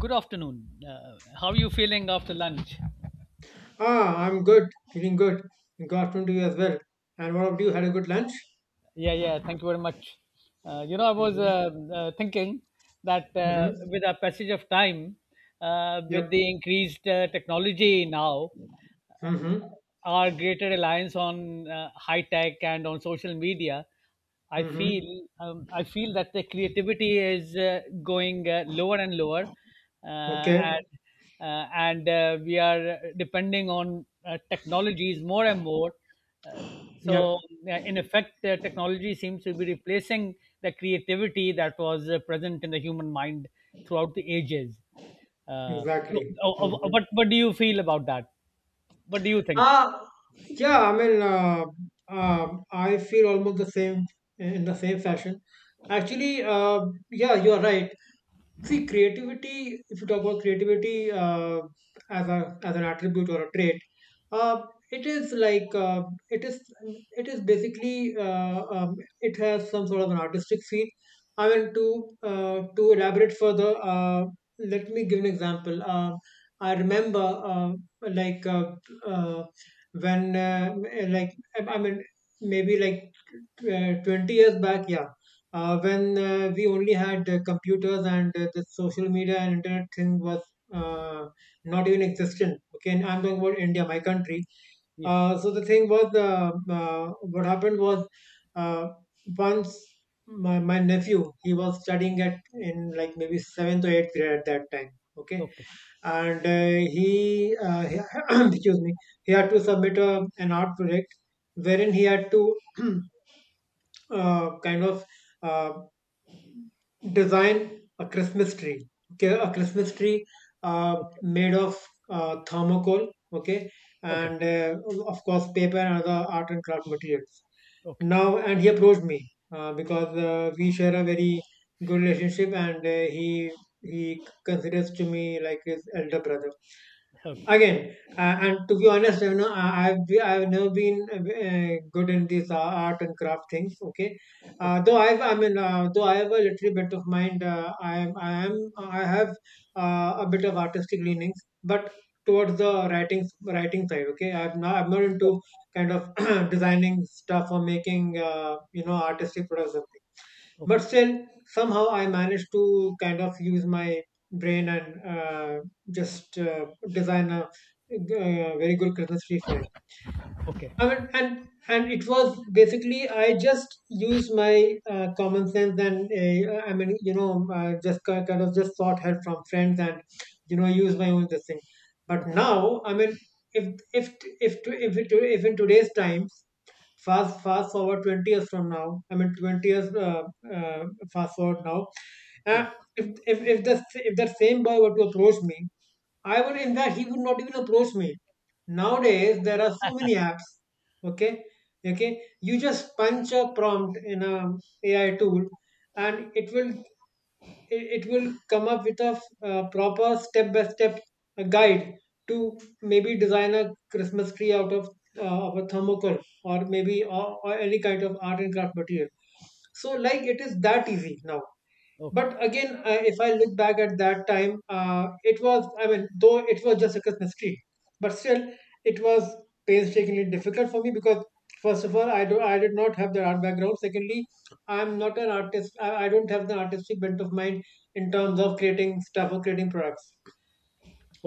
Good afternoon. How are you feeling after lunch? Ah, I'm good, feeling good. Good afternoon to you as well. And what about you? Had a good lunch? Yeah, yeah. Thank you very much. I was Mm-hmm. Thinking that Mm-hmm. With our passage of time, with Yep. the increased technology now, uh, Mm-hmm. our greater reliance on high tech and on social media, Mm-hmm. I feel that the creativity is going lower and lower, uh, Okay. and and we are depending on technologies more and more. Uh, so Yep. In effect, technology seems to be replacing the creativity that was present in the human mind throughout the ages. Uh, so, Exactly. uh, uh, Mm-hmm. what what do you feel about that? What do you think? Ah, yeah. I mean, I feel almost the same in the same fashion. Actually, yeah, you're right. See, creativity, if you talk about creativity as an attribute or a trait, uh, it is like it is it is basically it has some sort of an artistic feel. I mean, to elaborate further. Let me give an example. I remember like uh, when like I mean, maybe like 20 years back, yeah, when we only had computers, and the social media and internet thing was uh, not even existent. Okay, and I'm talking about India, my country. Yeah. So the thing was, what happened was, uh, once my nephew, he was studying at in like maybe seventh or eighth grade at that time. Okay, Okay. and he excuse me, he had to submit an art project wherein he had to kind of uh, design a Christmas tree. Okay, a Christmas tree Okay. made of thermocol. Okay, Okay. and of course paper and other art and craft materials. Okay. Now, and he approached me because we share a very good relationship, and he considers to me like his elder brother Okay. again, and to be honest, I've never been good in these art and craft things, okay. Okay. Though, I've I mean though I have a little bit of mind, I have a bit of artistic leanings, but towards the writing side. Okay, I'm not into kind of designing stuff or making artistic products, Okay. but still somehow I managed to kind of use my brain, and just design a, very good Christmas tree for him. Okay. I mean, and it was basically, I just used my common sense, and just kind of just sought help from friends and use my own this thing. But Okay. now, I mean, if if if to if, if in today's time. Fast forward 20 years from now. I mean, 20 years, uh, fast forward now. Yeah. Uh, if that same boy were to approach me, I would, in fact, he would not even approach me. Nowadays, there are so many apps. Okay, okay. You just punch a prompt in a AI tool, and it will come up with a proper step by step guide to maybe design a Christmas tree out of, a thermocol, or maybe, or any kind of art and craft material. So like it is that easy now. Okay. But again, if I look back at that time, it was, I mean, though it was just a Christmas tree, but still it was painstakingly difficult for me because, first of all, I did not have the art background. Secondly, I'm not an artist. I don't have the artistic bent of mind in terms of creating stuff or creating products.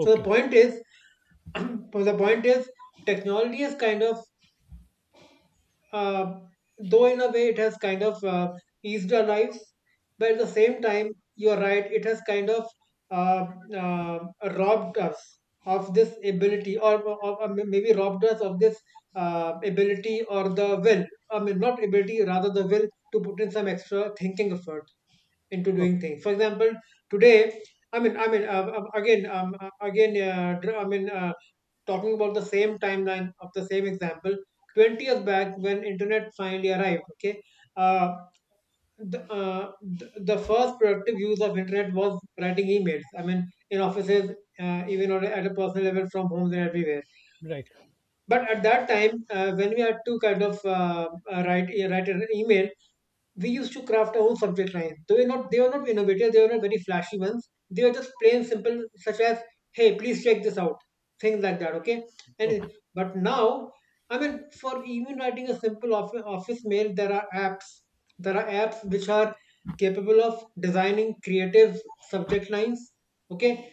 So the point is, so the point is, technology has kind of uh, though, in a way, it has kind of eased our lives, but at the same time, you're right, it has kind of uh, uh, robbed us of this ability, or maybe robbed us of this ability or the will. I mean, not ability, rather the will to put in some extra thinking effort into doing Okay. things. For example, today, I mean, again, again, talking about the same timeline of the same example. 20 years back, when internet finally arrived, okay, uh, the, uh, the first productive use of internet was writing emails. I mean, in offices, even at a personal level, from homes and everywhere. Right. But at that time, when we had to kind of write an email, we used to craft our own subject lines. They were not, innovative, they were not very flashy ones. They were just plain simple, such as, hey, please check this out. Things like that, okay? And Okay. but now, I mean, for even writing a simple office mail, there are apps. There are apps which are capable of designing creative subject lines. Okay,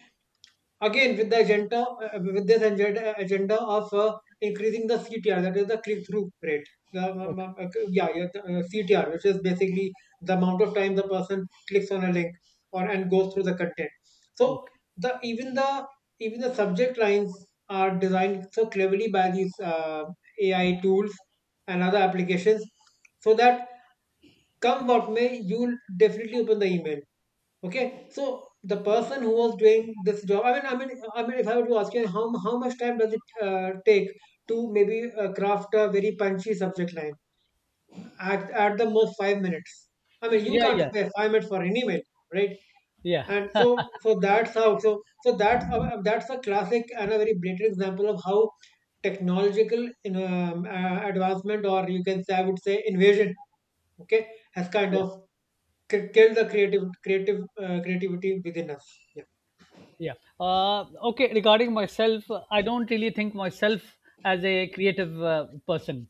again, with this agenda, of increasing the CTR, that is the click through rate, Okay. Yeah, yeah, CTR, which is basically the amount of time the person clicks on a link or and goes through the content. So Okay. the, even the subject lines are designed so cleverly by these AI tools and other applications, so that come what may, you'll definitely open the email. Okay, so the person who was doing this job, I mean, if I were to ask you, how much time does it take to maybe craft a very punchy subject line? At the most, 5 minutes. I mean, you Yeah. can't Yeah. spare 5 minutes for an email, right? Yeah. And so that's how, so that's a classic and a very blatant example of how technological, you advancement, or you can say, I would say, invasion, okay, has kind Yeah. of killed the creative creative creativity within us. Yeah. Uh, okay. Regarding myself, I don't really think myself as a creative person.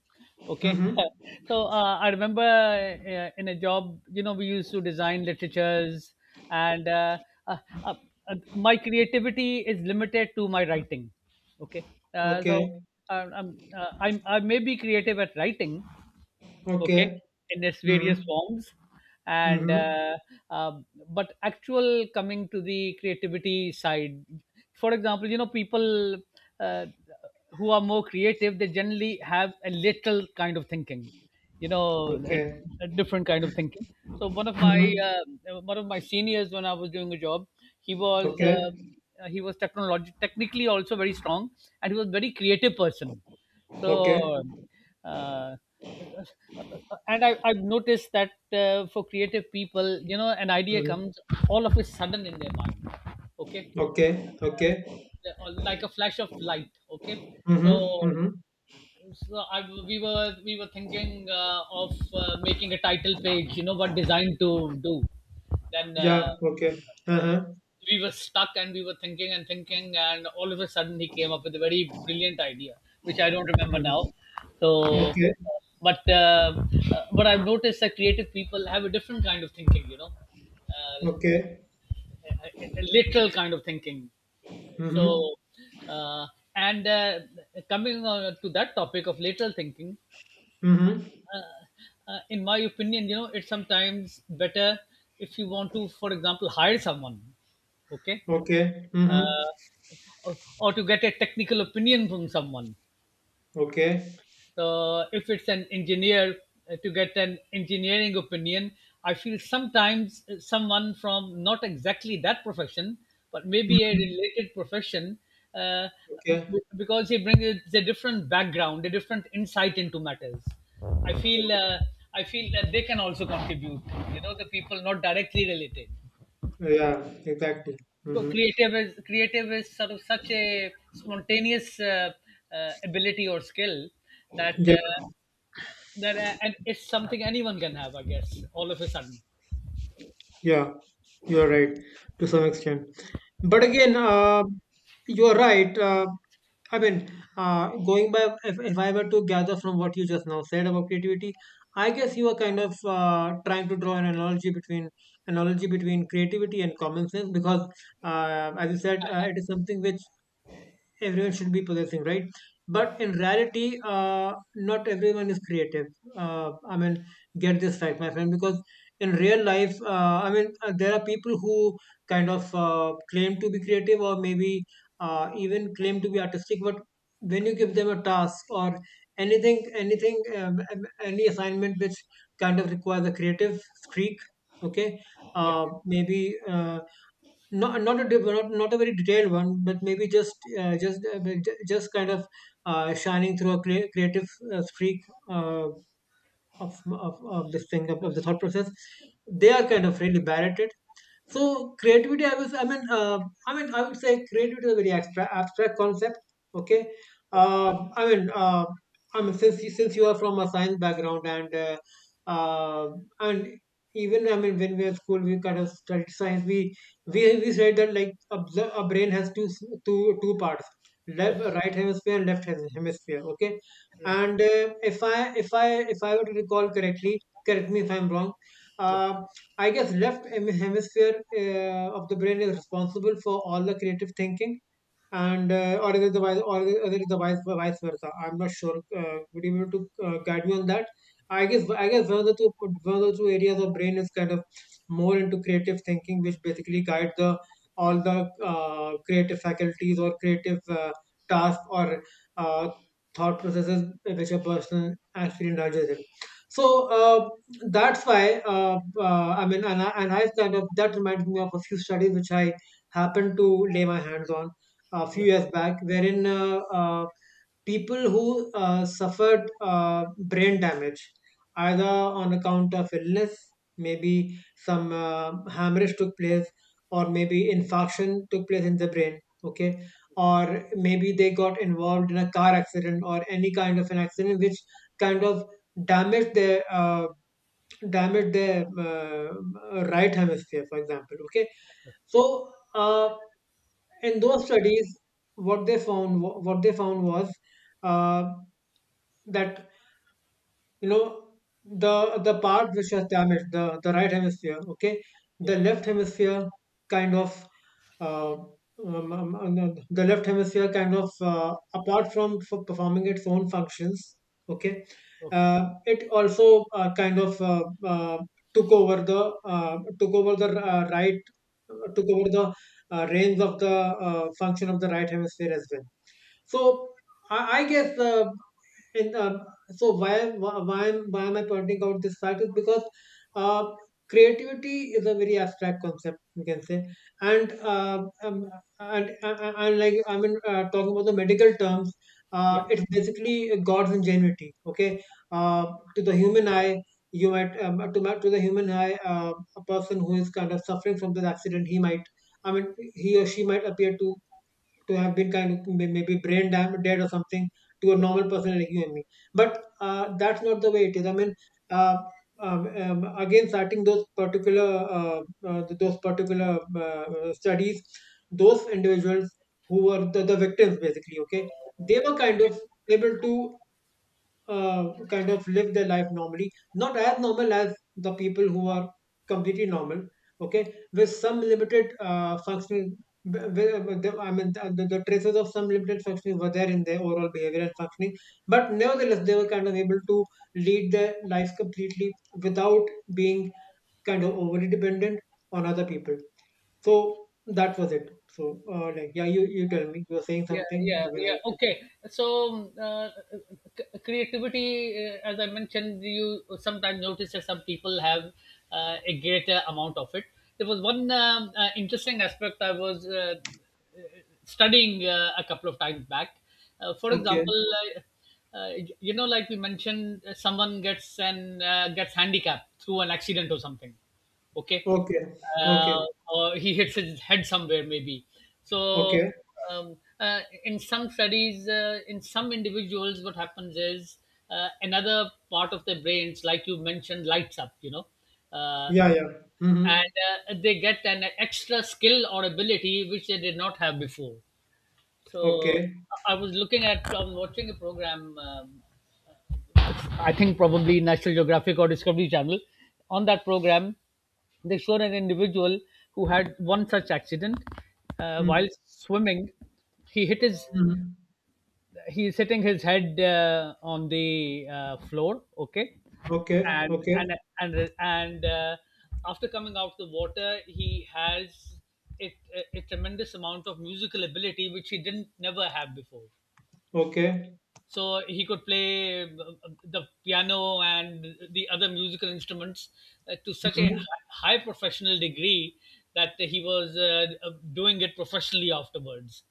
Okay. Mhm. So I remember in a job, you know, we used to design literatures, and uh, uh, my creativity is limited to my writing. Okay. Uh, so Okay. I'm, I may be creative at writing, okay, Okay. in its various Mhm. forms, and Mhm. Um, but actual coming to the creativity side, for example, you know, people uh, who are more creative, they generally have a little kind of thinking, you know, Okay. a different kind of thinking. So Mhm. One of my seniors, when I was doing a job, he was uh, Okay. he was technology technically also very strong, and he was a very creative person. Okay. So, uh, and I, I've noticed that for creative people, you know, an idea Mhm. comes all of a sudden in their mind. Okay, Okay. Okay. like a flash of light. Okay, Mhm. so Mhm. so I, we were thinking of making a title page. You know what design to do. Then Yeah. Okay. uh, Uh-huh. we were stuck and we were thinking and thinking, and all of a sudden he came up with a very brilliant idea which I don't remember now. Mhm. so Yeah. Okay. but uh, uh, but i've noticed that creative people have a different kind of thinking, you know, uh, Okay. a, a literal kind of thinking. Mhm. So uh, and uh, coming on to that topic of lateral thinking, Mhm. uh, in my opinion, you know, it's sometimes better if you want to, for example, hire someone, okay, Okay. Mhm. uh, or to get a technical opinion from someone. Okay. So if it's an engineer, to get an engineering opinion, I feel sometimes someone from not exactly that profession, but maybe a Mhm. related profession, uh, Okay. Because he brings a different background, a different insight into matters. I feel Okay. uh, I feel that they can also contribute. You know, the people not directly related. Yeah. Exactly. Because Mhm. creative is, creative is sort of such a spontaneous ability or skill that Yeah. And it's something anyone can have, I guess, all of a sudden. Yeah, you're right, to some extent. But again, you're right. I mean, going by, if I were to gather from what you just now said about creativity, I guess you are kind of trying to draw an analogy between creativity and common sense, because, as you said, it is something which everyone should be possessing, right? Yeah, But in reality, not everyone is creative. I mean, get this fact, my friend, because in real life, I mean, there are people who kind of claim to be creative, or maybe even claim to be artistic, but when you give them a task or any assignment which kind of requires a creative streak, okay, yeah. Maybe. Not a very detailed one, but maybe, just kind of shining through a creative streak, uh, of, of this thing, of the thought process. They are Okay, kind of really bad at it, so creativity, I was, I mean, I mean, I would say, creativity is a very abstract concept. Okay, okay, I mean, since you are from a science background, and uh, and even, I mean, when we were school, we kind of studied science. We said that, like, a brain has two parts, left okay. right hemisphere and left hemisphere. Okay, Right. and if I were to recall correctly, correct me if I'm wrong, Yeah, uh, I guess left hemisphere of the brain is responsible for all the creative thinking. And or is it the vice, or is it the vice versa? I'm not sure. Would you be able to guide me on that? I guess, one of the two areas of brain is kind of more into creative thinking, which basically guide the all the creative faculties, or creative tasks, or uh, thought processes which a person actually indulges in. So, that's why I mean, and I kind of, that reminds me of a few studies which I happened to lay my hands on a few years back, wherein people who suffered brain damage, either on account of illness, maybe some hemorrhage took place, or maybe infarction took place in the brain, okay, or maybe they got involved in a car accident or any kind of an accident which kind of damaged their uh, damaged their right hemisphere, for example, okay. So. In those studies what they found was uh, that you know the the part which was damaged, the right hemisphere, okay, yeah. the left hemisphere kind of uh, the left hemisphere kind of apart from for performing its own functions, okay, Okay, it also kind of took over the took over the reins of the function of the right hemisphere as well. So I guess in, uh, so why am- why why am I pointing out this fact is because uh, creativity is a very abstract concept, you can say, and uh, um, and like, I mean, talking about the medical terms, yeah. It's basically God's ingenuity. Okay, uh, to the Okay, human eye. You might to the human eye, a person who is kind of suffering from this accident, he might, I mean, he or she might appear to have been kind of maybe brain dam dead or something to a okay. normal person like you and me. But that's not the way it is. I mean, uh, again, citing uh, those particular studies, those individuals who were the victims basically, okay, they were kind of able to kind of live their life normally, not as normal as the people who are completely normal, okay, with some limited functional w- w- I mean, the traces of some limited functioning were there in their overall behavior and functioning, but nevertheless, they were kind of able to lead their lives completely without being kind of overly dependent on other people. So that was it. So, like, yeah, you, tell me, you were saying Yeah, something. yeah, I mean, yeah, okay. So creativity, as I mentioned, you sometimes notice that some people have a greater amount of it. There was one interesting aspect I was studying a couple of times back. Uh, for Okay, example, uh, uh, you know, like we mentioned, someone gets an gets handicapped through an accident or something. Okay, okay, okay, uh, or he hits his head somewhere maybe. So okay. in some studies, in some individuals, what happens is another part of their brains, like you mentioned, lights up. You know. Uh, Yeah, yeah. Mm-hmm. and they get an extra skill or ability which they did not have before. So Okay. I was looking at, I was watching a program, I think probably National Geographic or Discovery Channel. On that program, they showed an individual who had one such accident Mm-hmm. while swimming. He hit his, Mm-hmm. he is hitting his head on the floor, okay? Okay. And, Okay. and, and after coming out of the water, he has a, a tremendous amount of musical ability, which he didn't never have before. Okay. So he could play the piano and the other musical instruments to such a Mm-hmm. High professional degree that he was doing it professionally afterwards.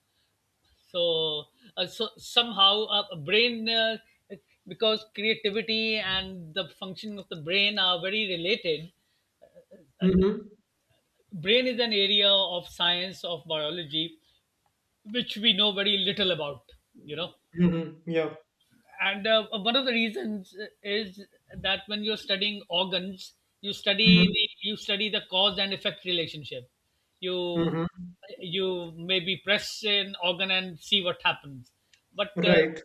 So uh, so somehow a brain, because creativity and the functioning of the brain are very related. Mm-hmm. Brain is an area of science, of biology, which we know very little about, you know. Mm-hmm. Yeah. And one of the reasons is that when you're studying organs, Mm-hmm. You study the cause and effect relationship. you Mm-hmm. you maybe press an organ and see what happens. But Right.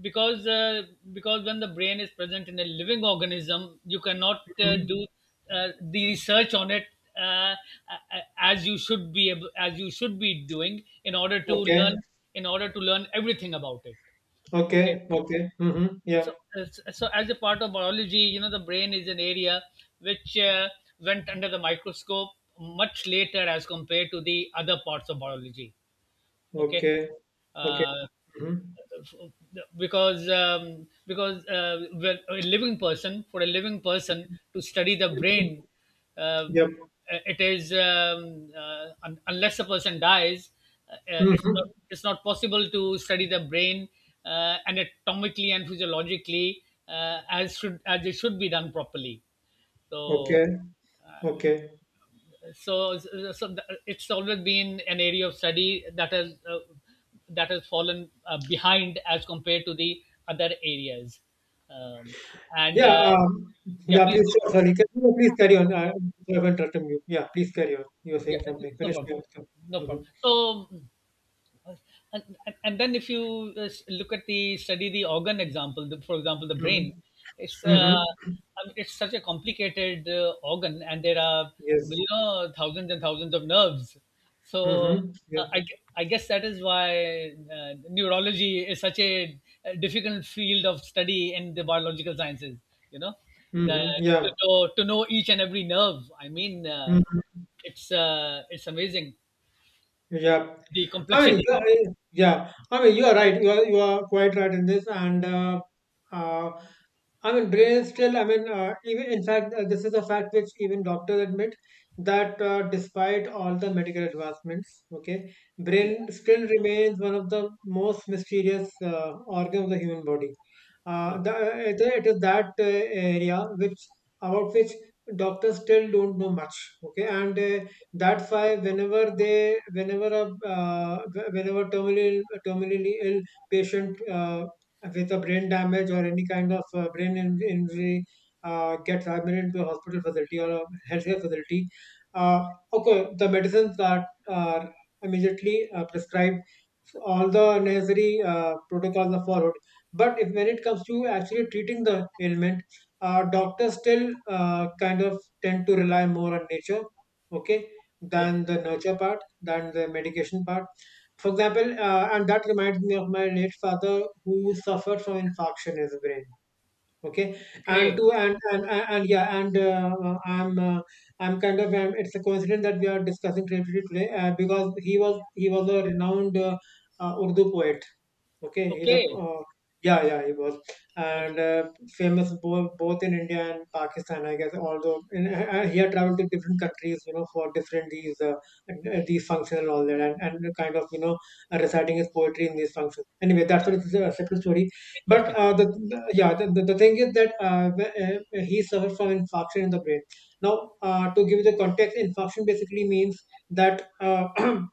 because uh, because when the brain is present in a living organism, you cannot Mm-hmm. do the research on it, uh, as you should be able, as you should be doing in order to Okay. learn, in order to learn everything about it, okay. Okay. Okay. Mm-hmm. Yeah. So, uh, so as a part of biology, you know, the brain is an area which went under the microscope much later as compared to the other parts of biology. Okay, Okay. Okay. uh, Mm-hmm. Because when a living person, for a living person to study the brain, uh, Yep. it is unless a person dies, it's Mm-hmm. not, it's not possible to study the brain anatomically and physiologically as should, as it should be done properly. so Okay. Okay. so, so it's always been an area of study that has fallen behind as compared to the other areas, um, and Yeah. uh, yeah, Yeah. please Please. go. Sorry. Can you please carry on? I haven't interrupted you. Yeah. Please carry on. You were Yeah, saying something. no Finish problem, your answer. no Mm-hmm. problem. So and and then if you look at the study, the organ example, the, for example, the brain, Mm-hmm. it's Mm-hmm. I mean, it's such a complicated organ, and there are, Yes. you know, thousands and thousands of nerves. so Mm-hmm. Yeah. uh, I, gue- I guess that is why neurology is such a difficult field of study in the biological sciences, you know, the, Mm-hmm. to Yeah. know, to know each and every nerve, i mean uh, Hmm. it's uh, it's amazing, Yeah, the I mean, complexity. you are, yeah, I mean, you are right. You are quite right in this. And uh, I mean, brain is still. I mean, even in fact, this is a fact which even doctors admit that, despite all the medical advancements, okay, Yeah. brain still remains one of the most mysterious organ of the human body. Yeah. It it is that area which about which doctors still don't know much. Okay, and that's why whenever they, whenever a, whenever terminally ill patient with a brain damage or any kind of brain injury gets admitted to a hospital facility or a healthcare facility, uh, okay, the medicines are immediately prescribed, all the necessary protocols are followed. But if when it comes to actually treating the ailment, doctors still kind of tend to rely more on nature. Okay, Yeah. than the nurture part, than the medication part. For example, and that reminds me of my late father who suffered from infarction in his brain. Okay, and Okay. to and and yeah, and I'm kind of it's a coincidence that we are discussing creativity today, because he was a renowned Urdu poet. Okay, he's a Okay. Yeah, yeah, he was, That's and famous both in India and Pakistan, I guess. Although in, he had traveled to different countries, you know, for different these functions and all that, and kind of, reciting his poetry in these functions. Anyway, that's what it's a separate story. But interesting. The yeah, the thing is that he suffered from infarction in the brain. Now, to give you the context, infarction basically means that.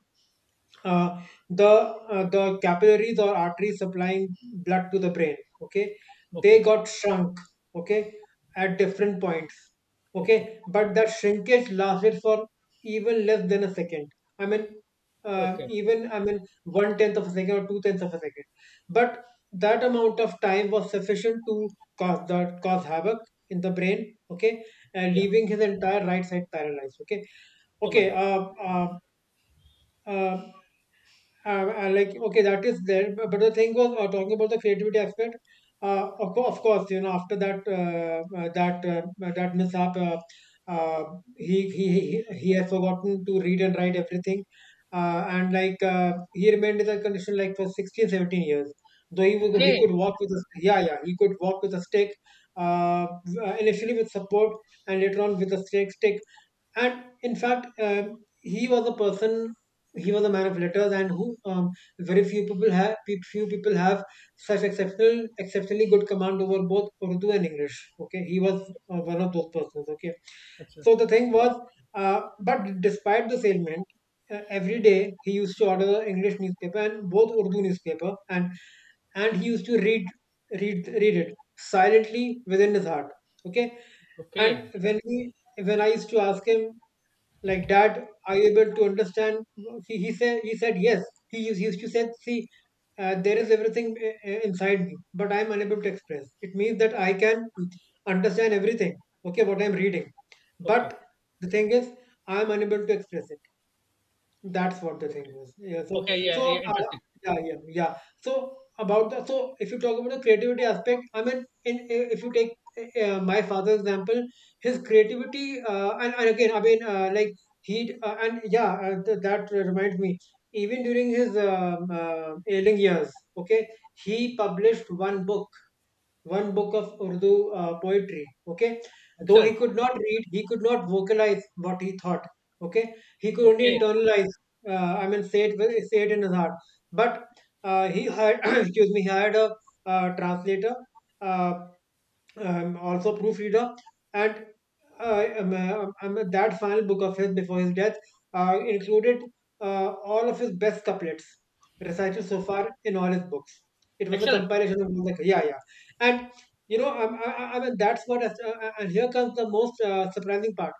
uh, the capillaries or arteries supplying blood to the brain, okay, they Okay. got shrunk, okay, at different points, Okay. okay, but that shrinkage lasted for even less than a second. I mean, Okay. even I mean one tenth of a second or two-tenths of a second, but that amount of time was sufficient to cause havoc in the brain, okay, and Yeah. leaving his entire right side paralyzed. Okay, Oh my okay, God. Uh, like, okay, that is there, but the thing was, talking about the creativity aspect. Of course, you know, after that that mishap, uh, he has forgotten to read and write everything, and like, he remained in that condition like for 16, 17 years. Though he was, he Okay. could walk with a, he could walk with a stick, uh, initially with support and later on with a stick and in fact, he was a person he was a man of letters, and who very few people have such exceptionally good command over both Urdu and English. Okay, he was one of those persons. Okay, Excellent. so the thing was, but despite this ailment, every day he used to order the English newspaper and both Urdu newspaper, and he used to read read it silently within his heart. Okay, Okay. and when I used to ask him like, dad, are you able to understand, he said, yes. He used, he used to say, see, there is everything inside me, but I'm unable to express it, means that I can understand everything, okay, what I'm reading, Okay. but the thing is, I'm unable to express it. That's what the thing Okay. was. Yeah. So Okay. Yeah. so, Yeah. Interesting. yeah, yeah, yeah. So about the, so if you talk about the creativity aspect, I mean, if you take my father's example, his creativity, and again, I mean, like, he and yeah, that reminds me, even during his ailing years, okay, he published one book, one book of Urdu poetry. Okay, though he Excellent. could not read, he could not vocalize what he thought, okay, he could only Okay. internalize, I mean, say it in his heart. But he had excuse me, he hired a translator, uh, also proofreader, and that final book of his before his death included all of his best couplets recited so far in all his books. It was a Excellent. compilation of music. Yeah, yeah, and you know, I mean, that's what, and here comes the most surprising part.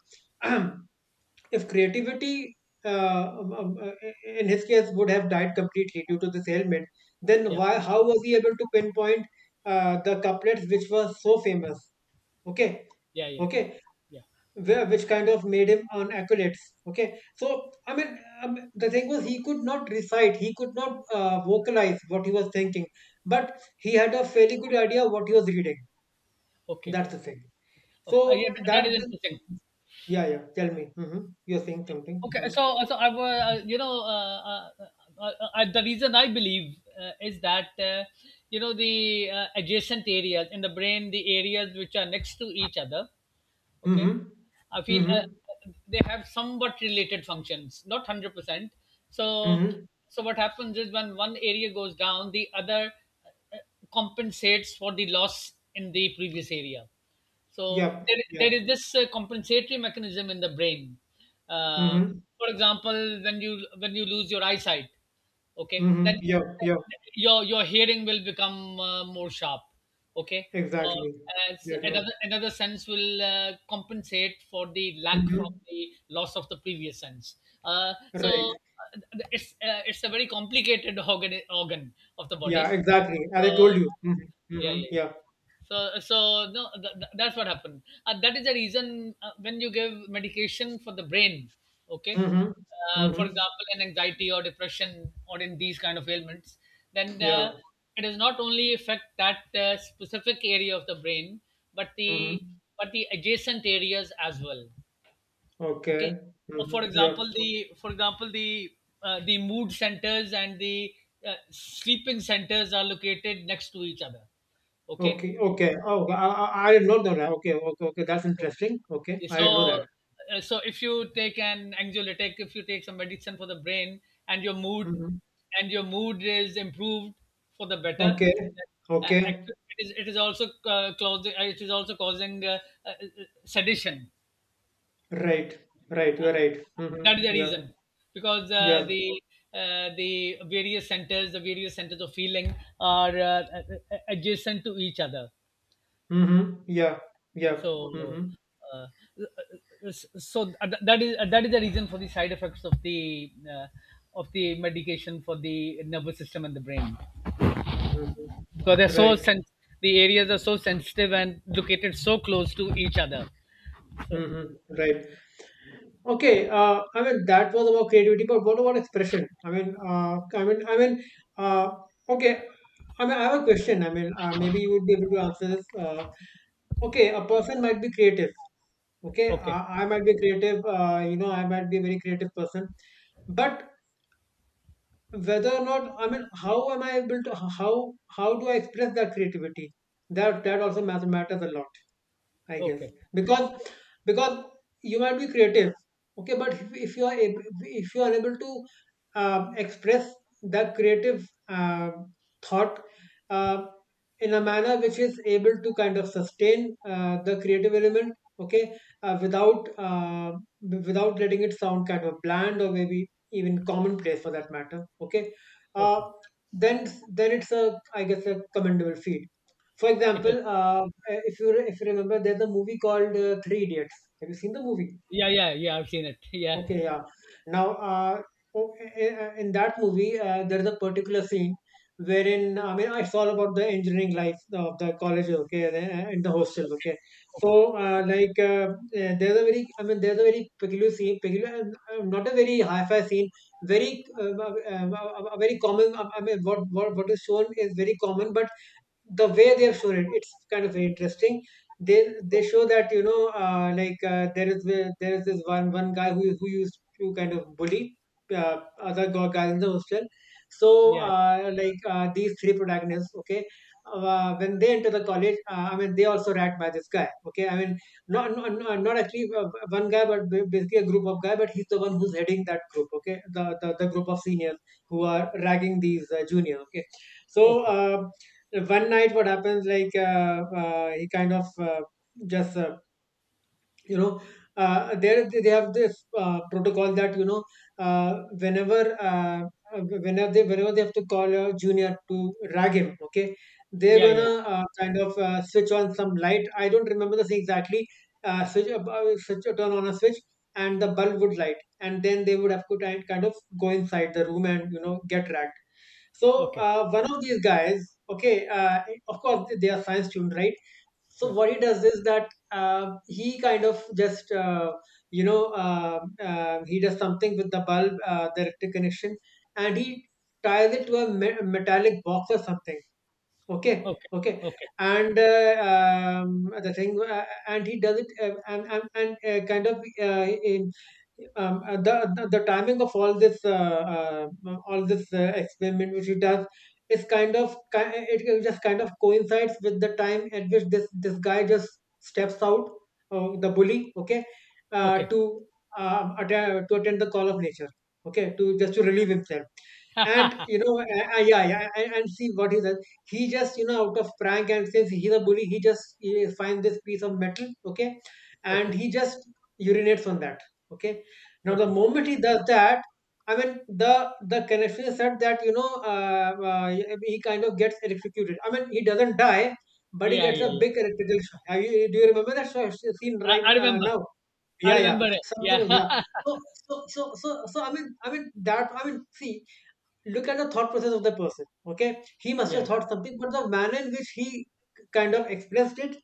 If creativity uh, um, um, uh, in his case would have died completely due to this ailment, then Yeah. why how was he able to pinpoint the couplets which were so famous, okay, Yeah. Yeah. okay, Yeah. where, which kind of made him an accolades, okay, so I mean, the thing was, he could not recite, he could not vocalize what he was thinking, but he had a fairly good idea what he was reading. Okay. That's the thing. Oh, So yeah. That that, is interesting. yeah, yeah, tell me. Hmm, you're saying something. Okay. Mm-hmm. So, so I, you know, the reason I believe is that, you know, the adjacent areas in the brain, the areas which are next to each other, okay, Mm-hmm. I feel Mm-hmm. They have somewhat related functions, not 100%. so Mm-hmm. so what happens is when one area goes down, the other uh, compensates for the loss in the previous area. so Yep, there, there yep. is this compensatory mechanism in the brain. Uh, Mm-hmm. for example, when you lose your eyesight, okay, Mm-hmm. then Yep, yep. your hearing will become more sharp. Okay, or Exactly. as Exactly. another, another sense will compensate for the lack, from Mm-hmm. the loss of the previous sense. So Right. uh, it's a very complicated organ, organ of the Yeah, body. exactly, as I told Uh, you. Mm-hmm. yeah, Mm-hmm. yeah, yeah Yeah. so so no th- th- That's what happened. That is the reason when you give medication for the brain, okay, Mhm. For Mhm. example, in anxiety or depression or in these kind of ailments, then Yeah. uh, it does not only affect that specific area of the brain but the, Mhm. but the adjacent areas as well, okay. Okay. Uh, for Mhm. Yeah. example the for example the mood centers and the sleeping centers are located next to each other, okay. Okay. Okay. Oh, well, I didn't know that. Okay. Okay. Okay. That's interesting. Okay. I didn't know so that. uh, so if you take an anxiolytic, if you take some medicine for the brain, and your mood, Mm-hmm. and your mood is improved for the better, Okay. Okay. actually it is also causing it is also causing uh, sedition. Right. Right. uh, You're right. that is the Mm-hmm. Yeah. reason, because Yeah. The various centers, the various centers of feeling are adjacent to each other. Mm-hmm. Yeah. Yeah. So, Mm-hmm. uh, so that is that is the reason for the side effects of the medication for the nervous system and the brain. Mm-hmm. So they're so Right. sen- the areas are so sensitive and located so close to each other. So Mm-hmm. Right. Okay, I mean, that was about creativity, but what about expression? I mean, uh, okay. I mean, I have a question. I mean, maybe you would be able to answer this. Okay, a person might be creative. Okay, okay, I might be creative. You know, I might be a very creative person, but whether or not, I mean, how am I able to? How do I express that creativity? That that also matters a lot. I guess, okay, because because you might be creative, okay, but if you are able, if you are unable to express that creative thought uh, in a manner which is able to kind of sustain the creative element, okay, without without letting it sound kind of bland or maybe even commonplace for that matter, okay, uh, okay. then it's a, I guess, a commendable feat. For It is. example, if you remember, there's a movie called Three Idiots. Have you seen the movie? Yeah, yeah, yeah. I've seen it. Yeah. Okay, yeah. Now, uh, in that movie, there's a particular scene wherein, I mean, it's all about the engineering life of the college, okay, and the Okay, hostels, okay. So, okay, okay. uh, like, uh, there's a very, I mean, there's a very peculiar scene, peculiar, not a very hi-fi scene, very, a very common. I mean, what is shown is very common, but the way they have shown it, it's kind of interesting. They show that, you know, there is, there is this one guy who used to kind of bully other guys in the hostel. So, Yeah. These three protagonists, okay, when they enter the college, I mean, they also rat by this guy, okay, I mean, not actually one guy but basically a group of guy, but he's the one who's heading that group, okay, the the group of seniors who are ragging these juniors, okay. So Okay. uh, one night what happens, like, he kind of just you know there, they have this protocol that, you know, uh, whenever uh, uh, whenever they have to call a junior to rag him, okay, they're Yeah, yeah. gonna kind of switch on some light, I don't remember the thing exactly. Switch up- switch Turn on a switch and the bulb would light, and then they would have to kind of go inside the room and, you know, get ragged. So, Okay. One of these guys, okay, of course they are science student, right? So Yeah. what he does is that, he kind of just, he does something with the bulb, the electric connection, and he ties it to a metallic box or something. Okay, Okay. okay. Yeah. And the thing, and he does it, and kind of in the, the timing of all this, all this experiment which he does is kind of it, it just kind of coincides with the time at which this guy just steps out, the bully, okay, Okay. Okay. Okay. to attend, to attend the call of nature, okay, to just to relieve himself. And, you know, and see what he does. He just, you know, out of prank, and since he's a bully, he just he finds this piece of metal, okay, and Okay. he just urinates on that, okay. Now the Okay. moment he does that, I mean, the the connection is said that, you know, he kind of gets electrocuted, I mean, he doesn't die, but he Yeah, gets yeah, a yeah. big electrical shock. Have you, do you remember that show, scene, right? I remember. Now, I yeah, remember yeah, it. something Yeah. was, yeah. So so I mean, that, I mean, see, look at the thought process of the person, okay, he must have Yeah. thought something, but the manner in which he kind of expressed it,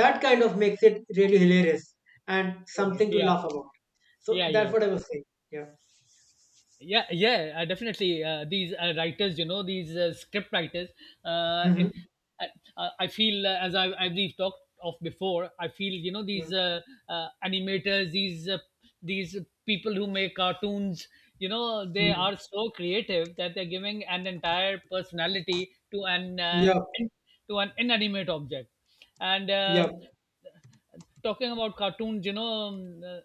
that kind of makes it really hilarious and Yeah. something to Yeah. laugh about. So Yeah. Yeah. that's what I was saying. Yeah. Yeah, yeah, definitely. These writers, you know, these script writers. Uh, Mm-hmm. in, uh, I feel, as I, as we've talked of before, I feel, you know, these animators, these people who make cartoons, you know, they Mm-hmm. are so creative that they're giving an entire personality to an Yeah, in, to an inanimate object, and yeah. talking about cartoons, you know,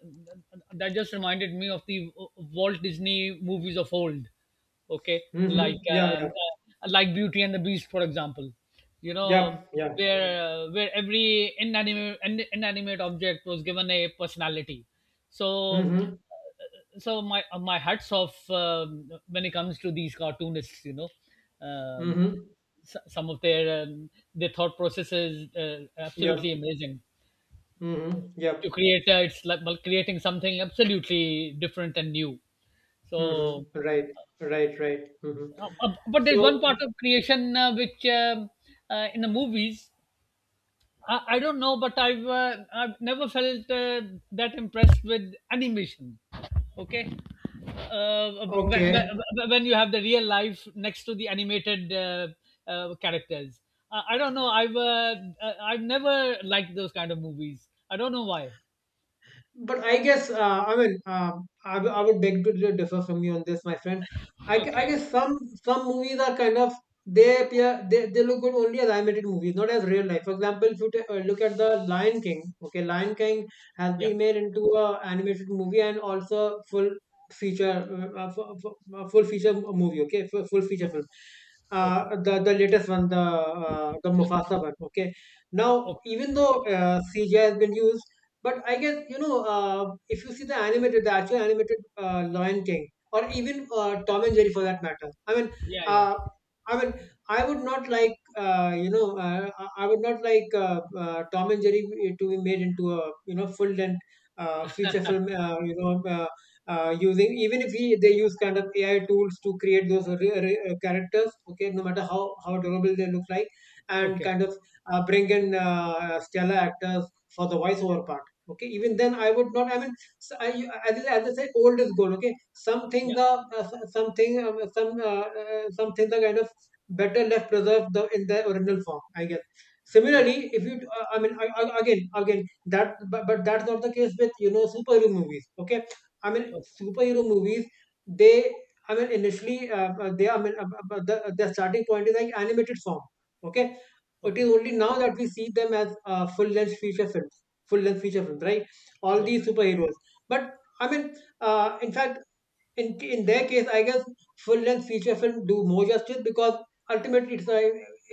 that just reminded me of the Walt Disney movies of old. Okay, Mm-hmm. like Yeah, um, yeah. Like Beauty and the Beast, for example. You know, Yeah, yeah. Where every inanimate, inanimate object was given a personality. So, Mm-hmm. so my my hats off when it comes to these cartoonists. You know. Um, Mm-hmm. Some of their thought processes Yeah. absolutely amazing Mm-hmm. to Yep. create, it's like, well, creating something absolutely different and new. so Mm-hmm. Right. Right. Mm-hmm. uh, uh, but there's one So. part of creation which in the movies, I don't know, but I've I've never felt that impressed with animation, okay, uh, when, Okay. when you have the real life next to the animated characters, I don't know, I've I've never liked those kind of movies. I don't know why. But I guess, I mean, I, I would beg to differ from you on this, my friend. I, I Okay. guess some movies are kind of, they appear, they look good only as animated movies, not as real life. For example, if you look at the Lion King, okay, Lion King has Yeah. been made into a animated movie and also full feature full feature movie, okay, full, full feature Okay, film. okay, The latest one, the Mufasa one, okay. Now, okay. even though CGI has been used, but I guess, you know, if you see the animated, the actual animated Lion King, or even Tom and Jerry for that matter. I mean, Yeah, yeah. uh, I mean, I would not like, I would not like Tom and Jerry to be made into a, you know, full length feature film. You know. Using, even if we they use kind of AI tools to create those characters, okay, no matter how adorable they look like, and Okay, kind of bring in stellar actors for the voiceover part, okay. Even then I would not, I mean, I, as, as I say, old is gold, okay. Something yeah. the something, something, the kind of better left preserved the in the original form, I guess. Similarly, Okay, if you, I mean, again, that, but that's not the case with, you know, superhero movies, okay. I mean, okay, superhero movies, they, I mean, initially, they, I mean, the starting point is like animated form, okay. It okay. is only now that we see them as full length feature films, full length feature films, right? All Yeah. these superheroes. But I mean, in fact, in their case, I guess full length feature film do more justice, because ultimately it's a,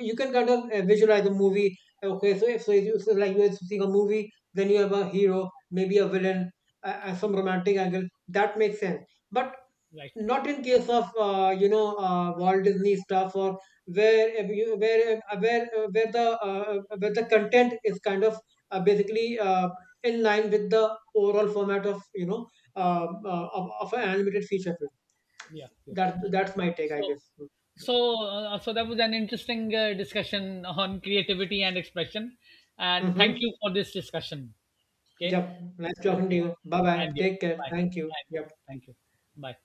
you can kind of visualize a movie. Okay, so if so, you, so like, you're seeing a movie, then you have a hero, maybe a villain, and some romantic angle. That makes sense. But Right. not in case of, you know, Walt Disney stuff, or where if you- where, where, where the content is kind of basically in line with the overall format of, you know, of an animated feature film. Yeah, yeah. That's my take, so I guess. so uh, so that was an interesting discussion on creativity and expression, and thank Mm-hmm. you for this discussion. Okay. Yep. Nice talking to Okay. you. Bye bye. And you. Take care. Bye. Thank you. And you. Yep. Thank you. Bye.